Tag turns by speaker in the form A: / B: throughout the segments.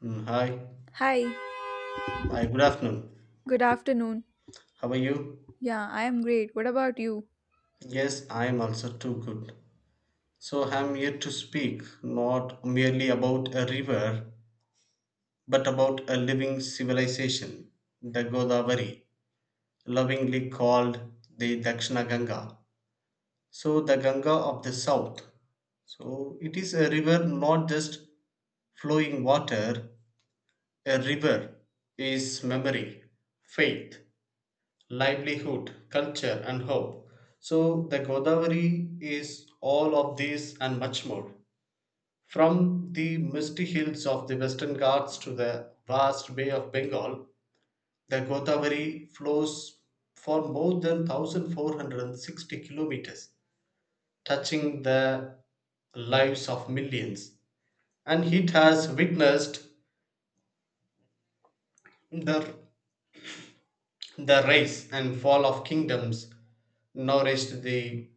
A: Hi.
B: Hi,
A: Hi, good afternoon.
B: good afternoon.
A: How are you?
B: Yeah, I am great. What about you?
A: Yes, I am also too good. So I'm here to speak not merely about a river, but about a living civilization, the Godavari, lovingly called the Dakshina Ganga. So the Ganga of the South. So it is a river, not just flowing water. A river is memory, faith, livelihood, culture, and hope. So, the Godavari is all of these and much more. From the misty hills of the Western Ghats to the vast Bay of Bengal, the Godavari flows for more than 1460 kilometers, touching the lives of millions. And it has witnessed the, the rise and fall of kingdoms, nourished the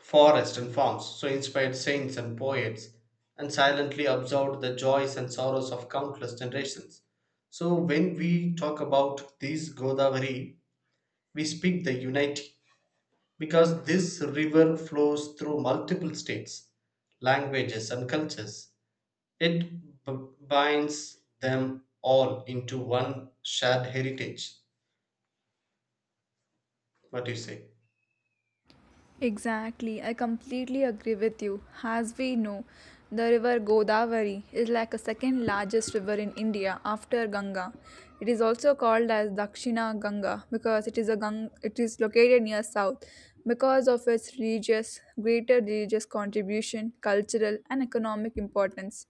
A: forests and farms, so inspired saints and poets, and silently absorbed the joys and sorrows of countless generations. So when we talk about this Godavari, we speak the unity because this river flows through multiple states, languages, and cultures. It binds them all into one shared heritage. What do you say?
B: Exactly, I completely agree with you. As we know, the river Godavari is like a second largest river in India after Ganga. It is also called as Dakshina Ganga because it is it is located near south because of its religious greater religious contribution, cultural and economic importance.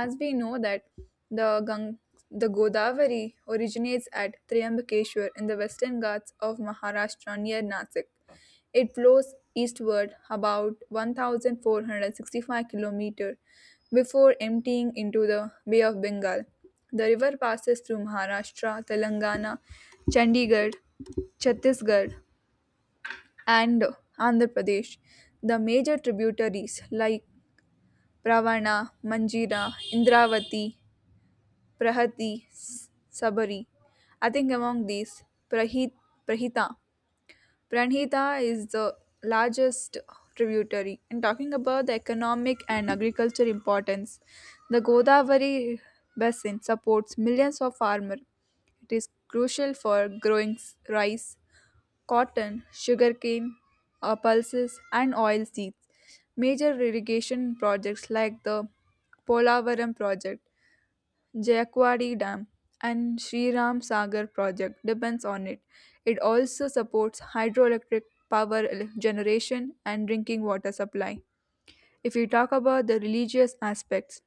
B: As we know that the Gang- the Godavari originates at Triambakeshwar in the western Ghats of Maharashtra near Nasik. It flows eastward about 1,465 km before emptying into the Bay of Bengal. The river passes through Maharashtra, Telangana, Chandigarh, Chhattisgarh, and Andhra Pradesh. The major tributaries like Pravana, Manjira, Indravati, Prahati, Sabari. I think among these, Prahit, Prahita Pranhita is the largest tributary. And talking about the economic and agriculture importance, the Godavari basin supports millions of farmers. It is crucial for growing rice, cotton, sugarcane, pulses, and oil seeds. Major irrigation projects like the Polavaram project, Jakwari Dam, and Sri Ram Sagar project depends on it. It also supports hydroelectric generation and drinking water supply. If we talk about the religious aspects,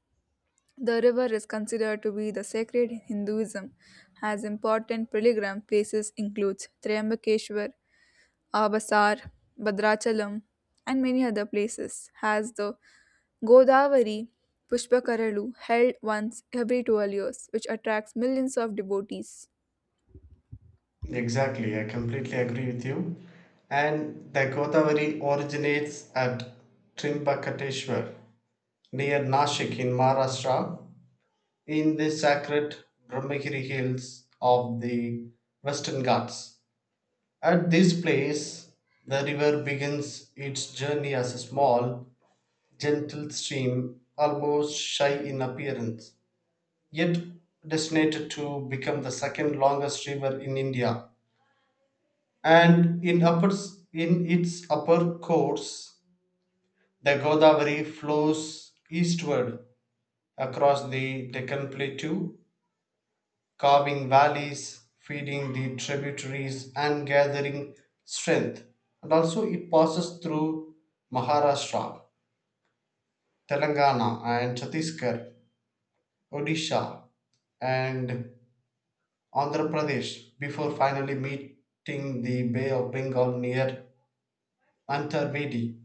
B: the river is considered to be the sacred in Hinduism, as important pilgrim places includes Triambakeshwar, Abasar, Badrachalam, and many other places has the Godavari Pushpakaralu held once every 12 years, which attracts millions of devotees.
A: Exactly, I completely agree with you. And the Godavari originates at Trimbakateshwar near Nashik in Maharashtra in the sacred Brahmagiri hills of the Western Ghats. At this place, the river begins its journey as a small, gentle stream, almost shy in appearance, yet destined to become the second longest river in India and in its upper course, the Godavari flows eastward across the Deccan Plateau, carving valleys, feeding the tributaries and gathering strength. And also, it passes through Maharashtra, Telangana, and Chhattisgarh, Odisha, and Andhra Pradesh before finally meeting the Bay of Bengal near Antarvedi.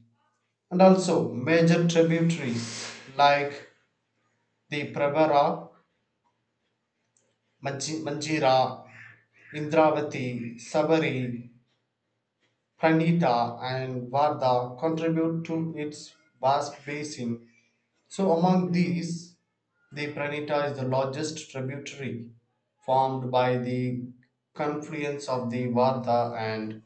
A: And also, major tributaries like the Prabhara, Manjira, Indravati, Sabari, Pranita, and Vardha contribute to its vast basin. So, among these, the Pranita is the largest tributary formed by the confluence of the Vardha and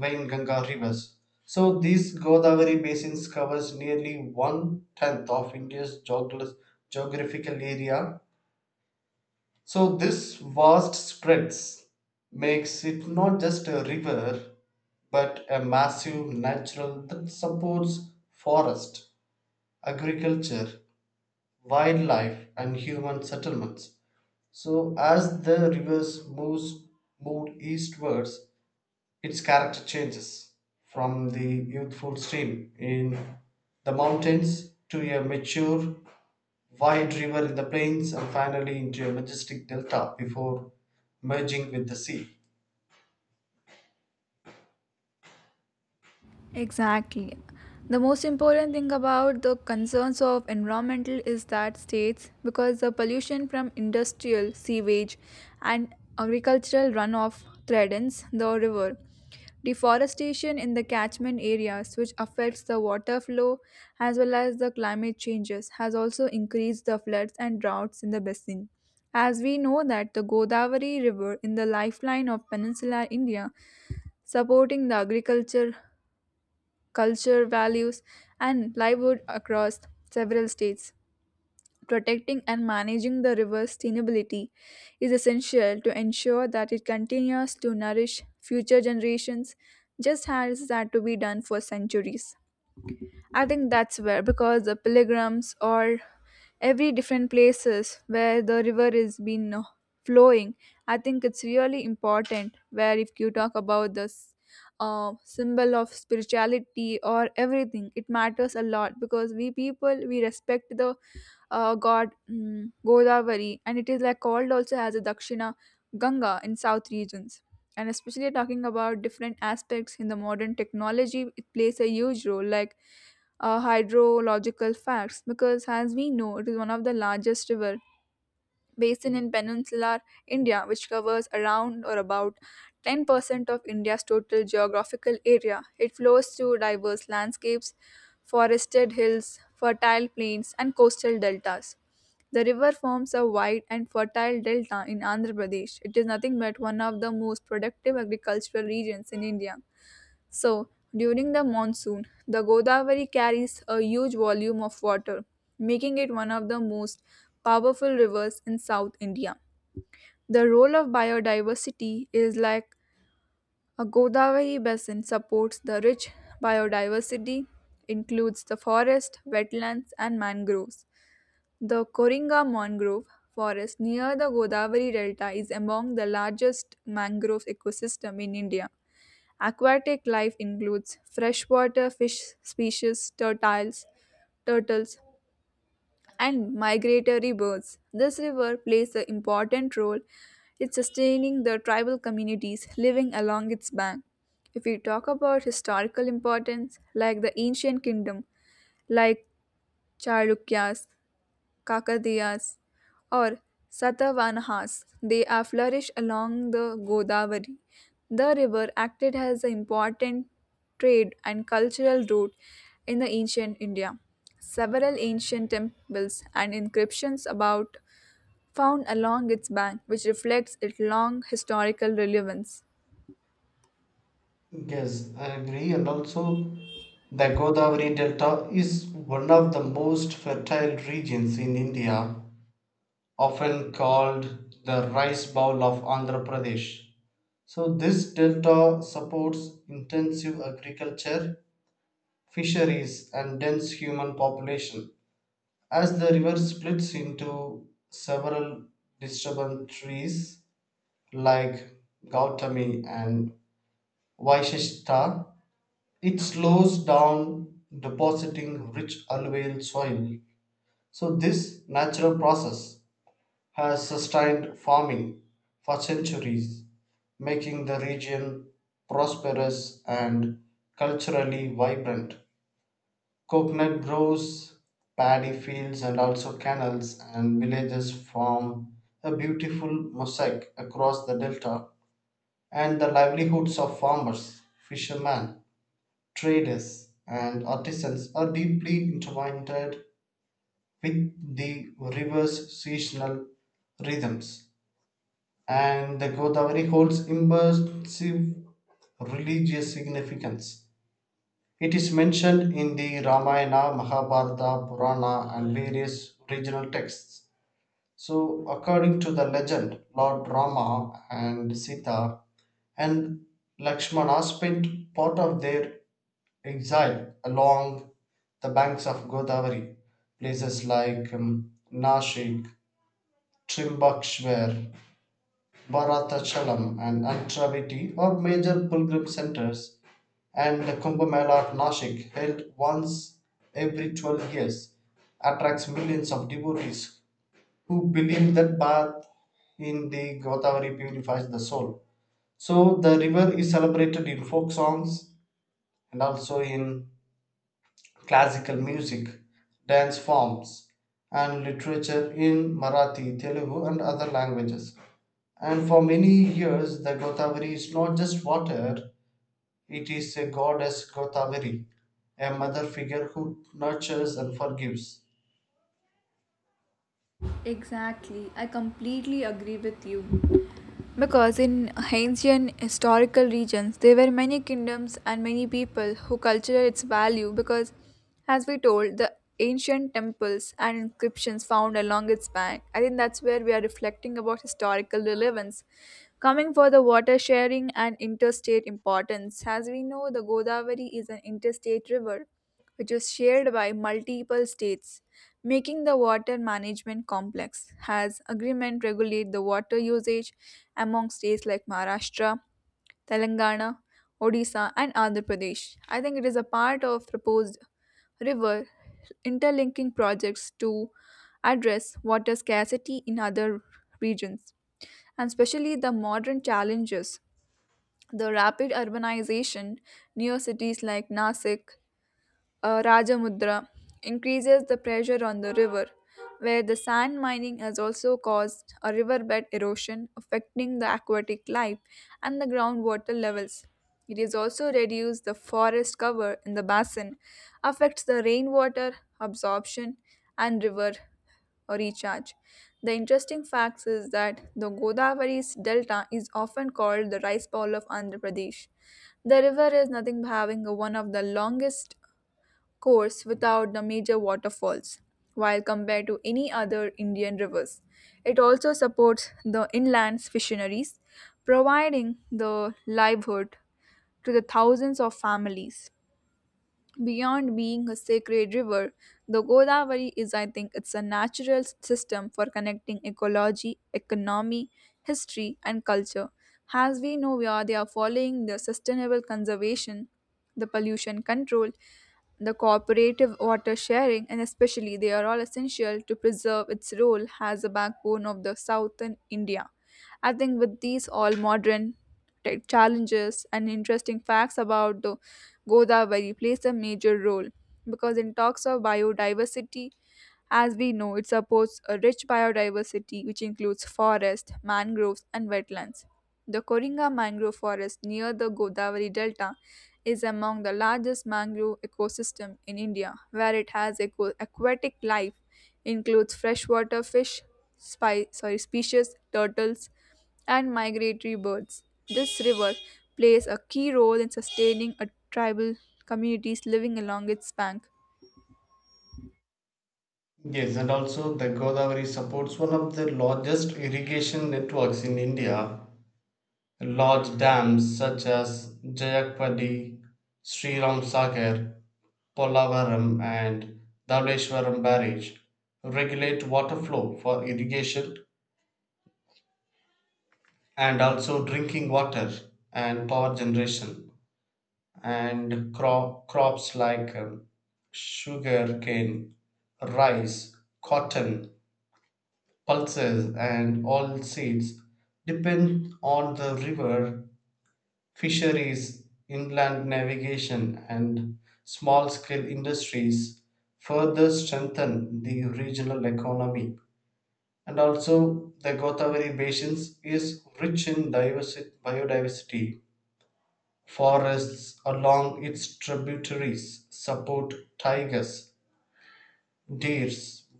A: Ganga rivers. So these Godavari basins covers nearly one tenth of India's geographical area. So this vast spreads makes it not just a river but a massive natural that supports forest, agriculture, wildlife and human settlements. So as the rivers moves moved eastwards, its character changes from the youthful stream in the mountains to a mature, wide river in the plains and finally into a majestic delta before merging with the sea.
B: Exactly. The most important thing about the concerns of environmental is that states, because the pollution from industrial sewage and agricultural runoff threatens the river, deforestation in the catchment areas, which affects the water flow as well as the climate changes, has also increased the floods and droughts in the basin. As we know that the Godavari River in the lifeline of peninsular India supporting the agriculture culture, values, and livelihood across several states. Protecting and managing the river's sustainability is essential to ensure that it continues to nourish future generations, just as it had to be done for centuries. I think that's where because the pilgrims or every different places where the river is been flowing. I think it's really important where if you talk about this symbol of spirituality or everything, it matters a lot because we people we respect the Godavari, and it is like called also as a Dakshina Ganga in south regions. And especially talking about different aspects in the modern technology, it plays a huge role, like hydrological facts, because as we know, it is one of the largest river basin in peninsular India, which covers around or about 10% of India's total geographical area. It flows through diverse landscapes, forested hills, fertile plains, and coastal deltas. The river forms a wide and fertile delta in Andhra Pradesh. It is nothing but one of the most productive agricultural regions in India. So, during the monsoon, the Godavari carries a huge volume of water, making it one of the most powerful rivers in South India. The role of biodiversity is like a Godavari basin supports the rich biodiversity, includes the forest, wetlands, and mangroves. The Koringa mangrove forest near the Godavari delta is among the largest mangrove ecosystem in India. Aquatic life includes freshwater fish species, turtles, and migratory birds. This river plays an important role in sustaining the tribal communities living along its bank. If we talk about historical importance, like the ancient kingdom, like Chalukyas, Kakadiyas, or Satavahanas. They are flourished along the Godavari. The river acted as an important trade and cultural route in the ancient India. Several ancient temples and inscriptions about found along its bank, which reflects its long historical relevance.
A: Yes, I agree. And also, the Godavari Delta is one of the most fertile regions in India, often called the rice bowl of Andhra Pradesh. So, this delta supports intensive agriculture, fisheries, and dense human population. As the river splits into several tributaries like Gautami and Vaisheshta, it slows down, depositing rich alluvial soil. So, this natural process has sustained farming for centuries, making the region prosperous and culturally vibrant. Coconut groves, paddy fields, and also canals and villages form a beautiful mosaic across the delta, and the livelihoods of farmers, fishermen, traders, and artisans are deeply intertwined with the river's seasonal rhythms. And the Godavari holds immersive religious significance. It is mentioned in the Ramayana, Mahabharata, Purana, and various regional texts. So, according to the legend, Lord Rama and Sita and Lakshmana spent part of their exile along the banks of Godavari, places like Nashik, Trimbakeshwar, Bharatachalam, and Antravati are major pilgrim centers, and the Kumbh Mela at Nashik, held once every 12 years, attracts millions of devotees who believe that bath in the Godavari purifies the soul. So the river is celebrated in folk songs and also in classical music, dance forms, and literature in Marathi, Telugu, and other languages. And for many years, the Godavari is not just water. It is a goddess Godavari, a mother figure who nurtures and forgives.
B: Exactly. I completely agree with you. Because in ancient historical regions, there were many kingdoms and many people who cultured its value. Because, as we told, the ancient temples and inscriptions found along its bank. I think that's where we are reflecting about historical relevance. Coming for the water sharing and interstate importance. As we know, the Godavari is an interstate river which is shared by multiple states, making the water management complex, as agreement regulate the water usage among states like Maharashtra, Telangana, Odisha, and Andhra Pradesh. I think it is a part of proposed river interlinking projects to address water scarcity in other regions, and especially the modern challenges. The rapid urbanization near cities like Nasik, Rajamudra increases the pressure on the river, where the sand mining has also caused a riverbed erosion affecting the aquatic life and the groundwater levels. It has also reduced the forest cover in the basin, affects the rainwater absorption and river recharge. The interesting fact is that the Godavari's delta is often called the rice bowl of Andhra Pradesh. The river is nothing but having one of the longest course without the major waterfalls, while compared to any other Indian rivers. It also supports the inland fisheries, providing the livelihood to the thousands of families. Beyond being a sacred river, the Godavari is, I think, it's a natural system for connecting ecology, economy, history, and culture. As we know, we are they are following the sustainable conservation, the pollution control, the cooperative water sharing, and especially they are all essential to preserve its role as a backbone of the southern India. I think with these all modern tech challenges and interesting facts about the Godavari plays a major role because in talks of biodiversity, as we know, it supports a rich biodiversity which includes forests, mangroves, and wetlands. The Koringa mangrove forest near the Godavari Delta is among the largest mangrove ecosystem in India, where it has aquatic life, includes freshwater fish, species, turtles, and migratory birds. This river plays a key role in sustaining a tribal communities living along its bank.
A: Yes, and also the Godavari supports one of the largest irrigation networks in India. Large dams such as Jayakpadi, Sri Ram Sagar, Polavaram, and Dhaleshwaram Barrage regulate water flow for irrigation and also drinking water and power generation. And crops like sugar cane, rice, cotton, pulses, and all seeds depend on the river. Fisheries, inland navigation, and small scale industries further strengthen the regional economy. And also, the Godavari Basin is rich in biodiversity. Forests along its tributaries support tigers, deer,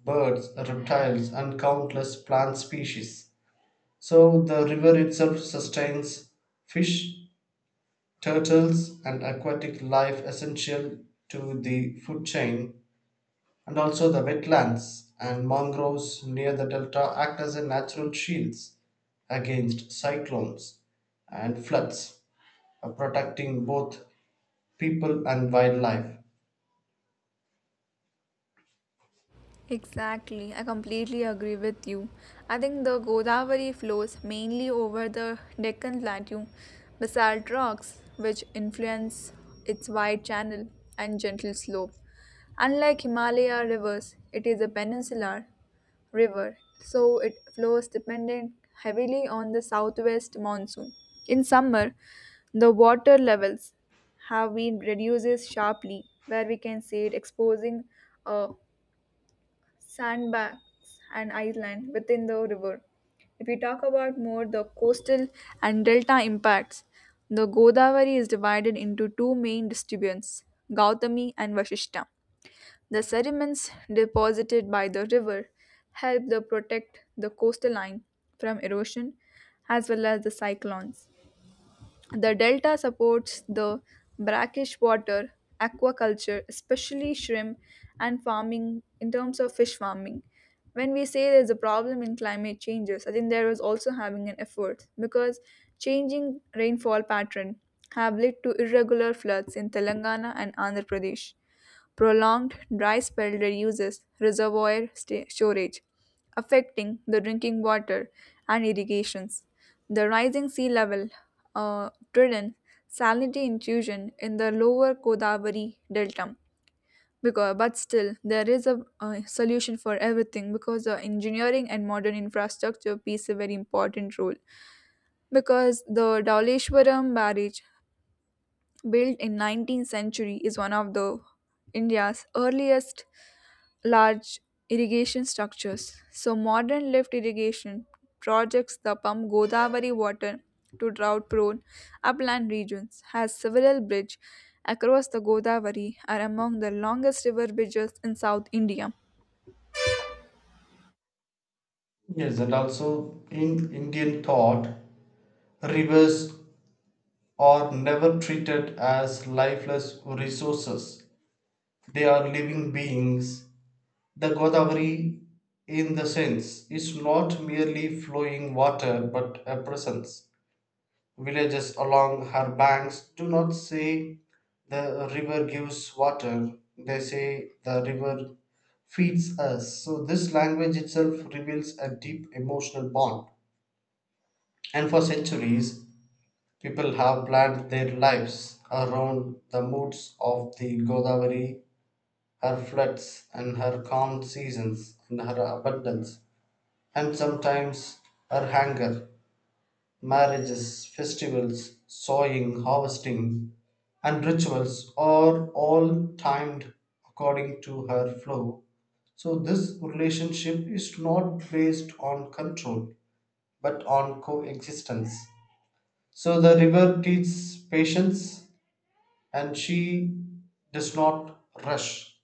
A: birds, reptiles and countless plant species, so the river itself sustains fish, turtles and aquatic life essential to the food chain, and also the wetlands and mangroves near the delta act as a natural shields against cyclones and floods, protecting both people and wildlife.
B: Exactly, I completely agree with you. I think the Godavari flows mainly over the Deccan Plateau basalt rocks, which influence its wide channel and gentle slope. Unlike Himalaya rivers, it is a peninsular river, so it flows dependent heavily on the southwest monsoon. In summer, the water levels have been reduces sharply, where we can see it exposing a sandbanks and island within the river. If we talk about more the coastal and delta impacts, the Godavari is divided into two main distributes, Gautami and Vashishta. The sediments deposited by the river help to protect the coastal line from erosion as well as the cyclones. The delta supports the brackish water, aquaculture, especially shrimp, and farming in terms of fish farming. When we say there's a problem in climate changes, I think there is also having an effort because changing rainfall pattern have led to irregular floods in Telangana and Andhra Pradesh. Prolonged dry spell reduces storage, affecting the drinking water and irrigations. The rising sea level driven salinity intrusion in the lower Godavari delta. Because, but still, there is a solution for everything because the engineering and modern infrastructure plays a very important role. Because the Dawleshwaram barrage, built in 19th century, is one of the India's earliest large irrigation structures. So modern lift irrigation projects the pump Godavari water to drought-prone upland regions has several bridges across the Godavari are among the longest river bridges in South India.
A: Yes, and also in Indian thought, rivers are never treated as lifeless resources. They are living beings. The Godavari, in the sense, is not merely flowing water but a presence. Villages along her banks do not say the river gives water, they say the river feeds us. So, this language itself reveals a deep emotional bond. And for centuries, people have planned their lives around the moods of the Godavari, her floods and her calm seasons and her abundance, and sometimes her hunger. Marriages, festivals, sowing, harvesting, and rituals are all timed according to her flow. So, this relationship is not based on control but on coexistence. So, the river teaches patience. And she does not rush,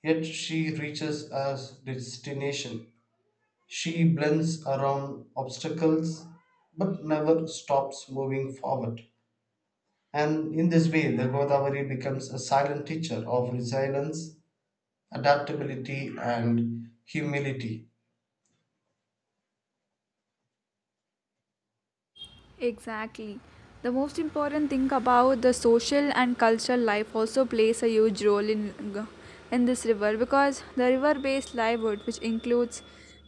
A: yet she reaches her destination. She blends around obstacles but never stops moving forward. And in this way, the Godavari becomes a silent teacher of resilience, adaptability, and humility.
B: Exactly. The most important thing about the social and cultural life also plays a huge role in this river because the river-based livelihood, which includes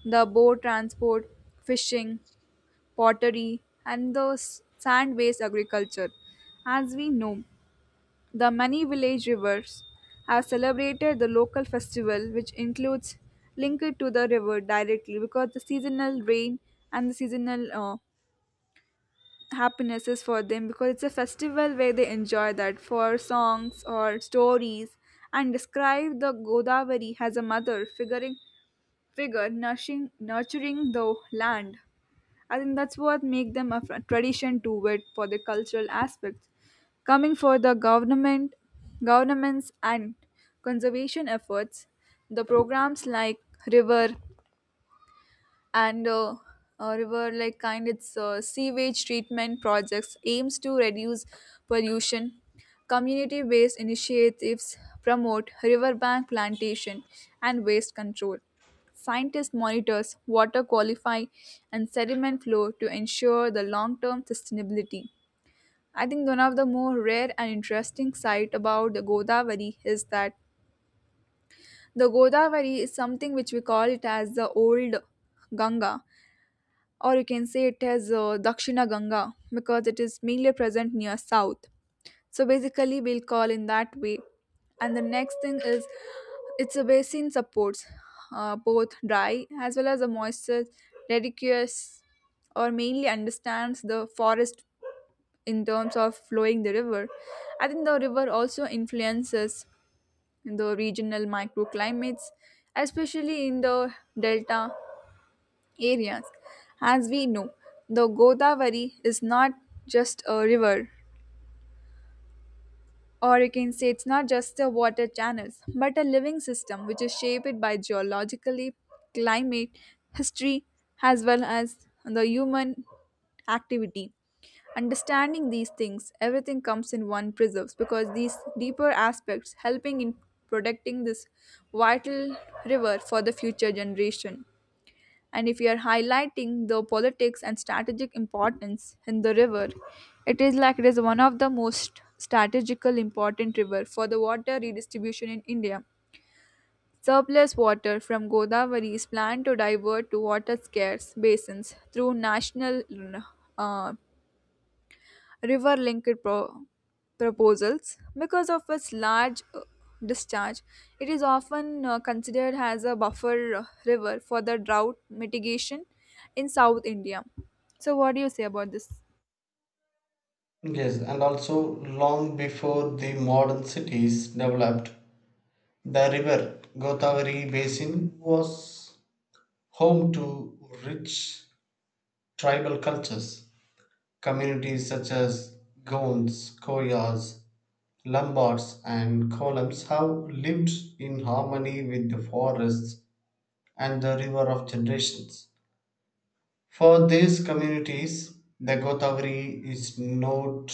B: the boat transport, fishing, pottery, and the sand-based agriculture, as we know, the many village rivers have celebrated the local festival, which includes linked to the river directly because the seasonal rain and the seasonal Happinesses for them because it's a festival where they enjoy that for songs or stories and describe the Godavari as a mother figuring figure nurturing the land. I think that's what make them a tradition to it for the cultural aspects. Coming for the governments and conservation efforts, the programs like river and river like kind its sewage treatment projects aims to reduce pollution, community based initiatives promote riverbank plantation and waste control, scientists monitors water qualify and sediment flow to ensure the long term sustainability. I think one of the more rare and interesting sight about the Godavari is that the Godavari is something which we call it as the old Ganga or you can say it as Dakshina Ganga because it is mainly present near south. So basically, we'll call in that way. And the next thing is it's a basin supports both dry as well as a moisture dedicates or mainly understands the forest in terms of flowing the river. I think the river also influences the regional microclimates, especially in the delta areas. As we know, the Godavari is not just a river, or you can say it's not just a water channels, but a living system which is shaped by geologically, climate, history, as well as the human activity. Understanding these things, everything comes in one preserves because these deeper aspects helping in protecting this vital river for the future generation. And if you are highlighting the politics and strategic importance in the river, it is like it is one of the most strategical important river for the water redistribution in India. Surplus water from Godavari is planned to divert to water scarce basins through national uh, river proposals. Because of its large discharge, it is often considered as a buffer river for the drought mitigation in South India. So, what do you say about this?
A: Yes, and also long before the modern cities developed, the river Godavari basin was home to rich tribal cultures. Communities such as Goans, Koyas, Lombards, and Kolams have lived in harmony with the forests and the river of generations. For these communities, the Godavari is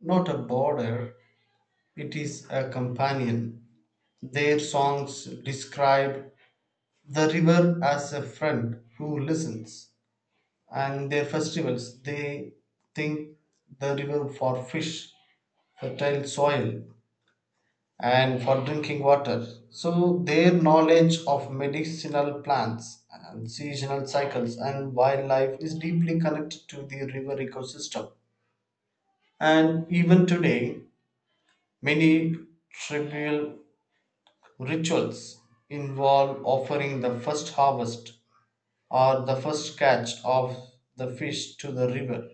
A: not a border, it is a companion. Their songs describe the river as a friend who listens, and their festivals they think the river for fish, fertile soil, and for drinking water. So their knowledge of medicinal plants and seasonal cycles and wildlife is deeply connected to the river ecosystem, and even today many tribal rituals involve offering the first harvest or the first catch of the fish to the river,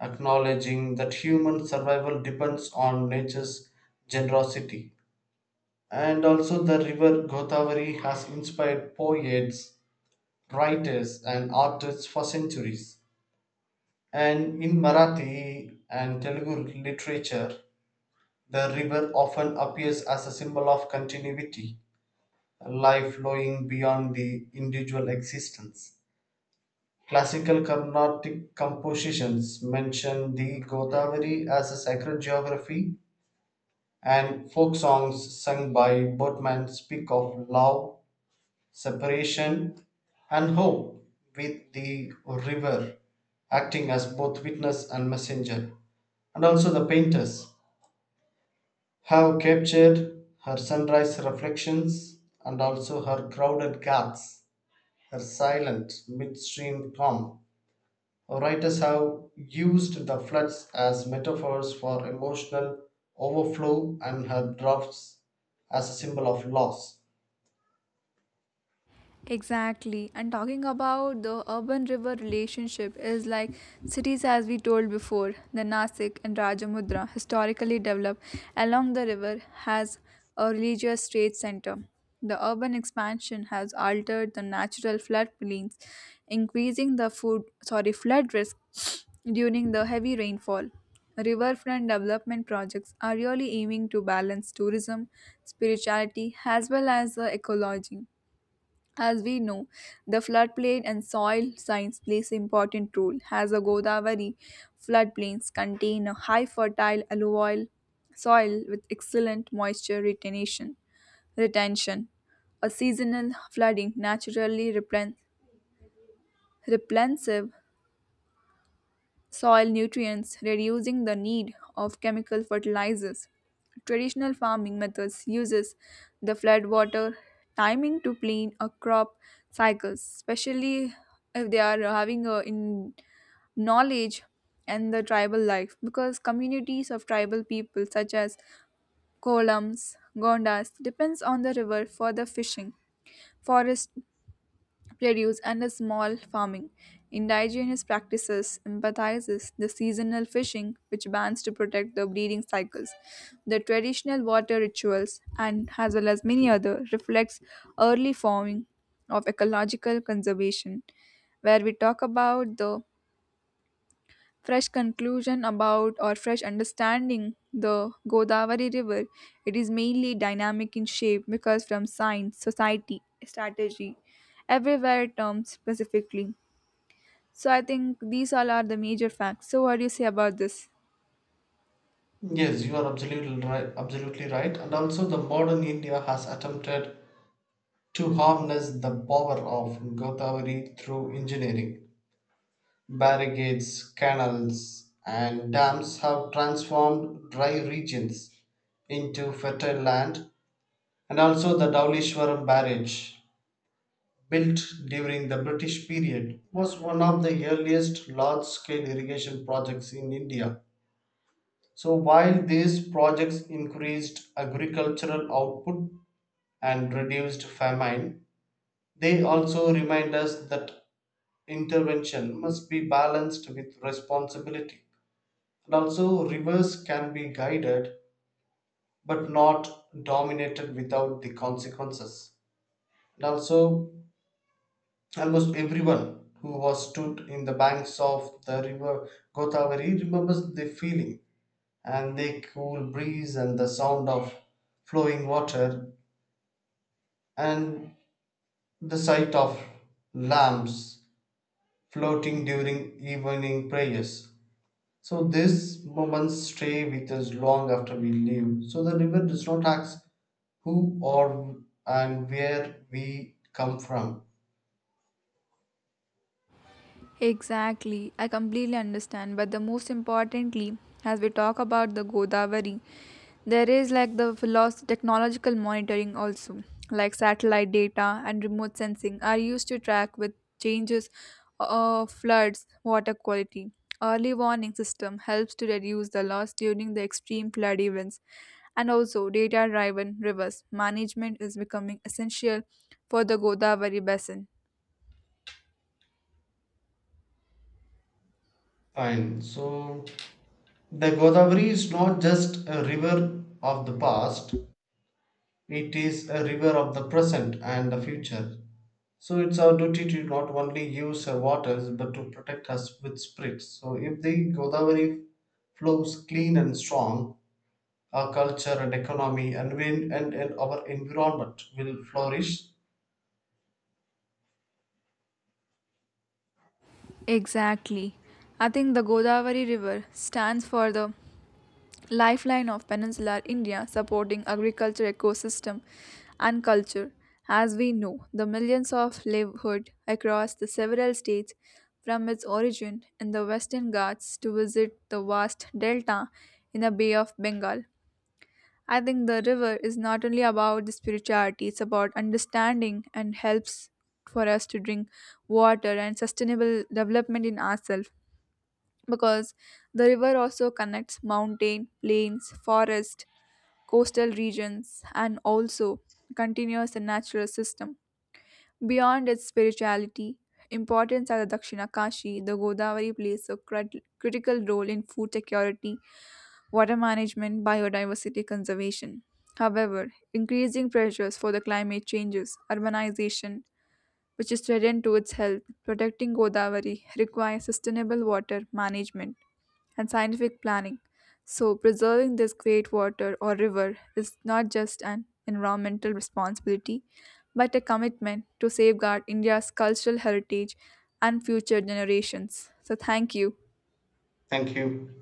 A: acknowledging that human survival depends on nature's generosity. And also, the river Godavari has inspired poets, writers, and artists for centuries. And in Marathi and Telugu literature, the river often appears as a symbol of continuity, life flowing beyond the individual existence. Classical Carnatic compositions mention the Godavari as a sacred geography, and folk songs sung by boatmen speak of love, separation, and hope, with the river acting as both witness and messenger. And also, the painters have captured her sunrise reflections and also her crowded ghats, her silent midstream calm. Writers have used the floods as metaphors for emotional overflow and her drafts as a symbol of loss.
B: Exactly. And talking about the urban river relationship is like cities, as we told before, the Nasik and Rajamudra, historically developed along the river, has a religious trade center. The urban expansion has altered the natural floodplains, increasing the food sorry flood risk during the heavy rainfall. Riverfront development projects are really aiming to balance tourism, spirituality, as well as the ecology. As we know, the floodplain and soil science plays important role as the Godavari floodplains contain a high fertile alluvial soil with excellent moisture retention. A seasonal flooding naturally replenishes soil nutrients, reducing the need of chemical fertilizers. Traditional farming methods uses the flood water timing to plan a crop cycles, especially if they are having a in knowledge and the tribal life because communities of tribal people such as kolams gondas depends on the river for the fishing forest produce and a small farming. Indigenous practices emphasizes the seasonal fishing, which bans to protect the breeding cycles. The traditional water rituals, and as well as many other, reflects early forming of ecological conservation, where we talk about the fresh conclusion about or fresh understanding the Godavari River. It is mainly dynamic in shape because from science, society, strategy, everywhere terms specifically. So I think these all are the major facts. So what do you say about this?
A: Yes, you are absolutely right, absolutely right. And also, the modern India has attempted to harness the power of Godavari through engineering. Barricades, canals, and dams have transformed dry regions into fertile land, and also the Daulishwaram barrage built during the British period, was one of the earliest large scale irrigation projects in India. So, while these projects increased agricultural output and reduced famine, they also remind us that intervention must be balanced with responsibility. And also, rivers can be guided but not dominated without the consequences. And also, almost everyone who was stood in the banks of the river Godavari remembers the feeling and the cool breeze and the sound of flowing water and the sight of lamps floating during evening prayers. So these moments stay with us long after we leave. So the river does not ask who or and where we come from.
B: Exactly, I completely understand. But the most importantly, as we talk about the Godavari, there is like the technological monitoring also, like satellite data and remote sensing are used to track with changes of floods, water quality. Early warning system helps to reduce the loss during the extreme flood events, and also data-driven rivers management is becoming essential for the Godavari basin.
A: Fine. So the Godavari is not just a river of the past, it is a river of the present and the future. So it's our duty to not only use her waters but to protect us with spirits. So if the Godavari flows clean and strong, our culture and economy and our environment will flourish.
B: Exactly. I think the Godavari River stands for the lifeline of peninsular India, supporting agriculture, ecosystem, and culture. As we know, the millions of livelihood across the several states from its origin in the Western Ghats to visit the vast delta in the Bay of Bengal. I think the river is not only about the spirituality, it's about understanding and helps for us to drink water and sustainable development in ourselves because the river also connects mountain, plains, forest, coastal regions and also continuous and natural system. Beyond its spirituality, importance are the Dakshina Kashi, the Godavari plays a critical role in food security water management, biodiversity conservation. However, increasing pressures for the climate changes, urbanization, which is threatened to its health, protecting Godavari requires sustainable water management and scientific planning. So, preserving this great water or river is not just an environmental responsibility, but a commitment to safeguard India's cultural heritage and future generations. So, thank you.
A: Thank you.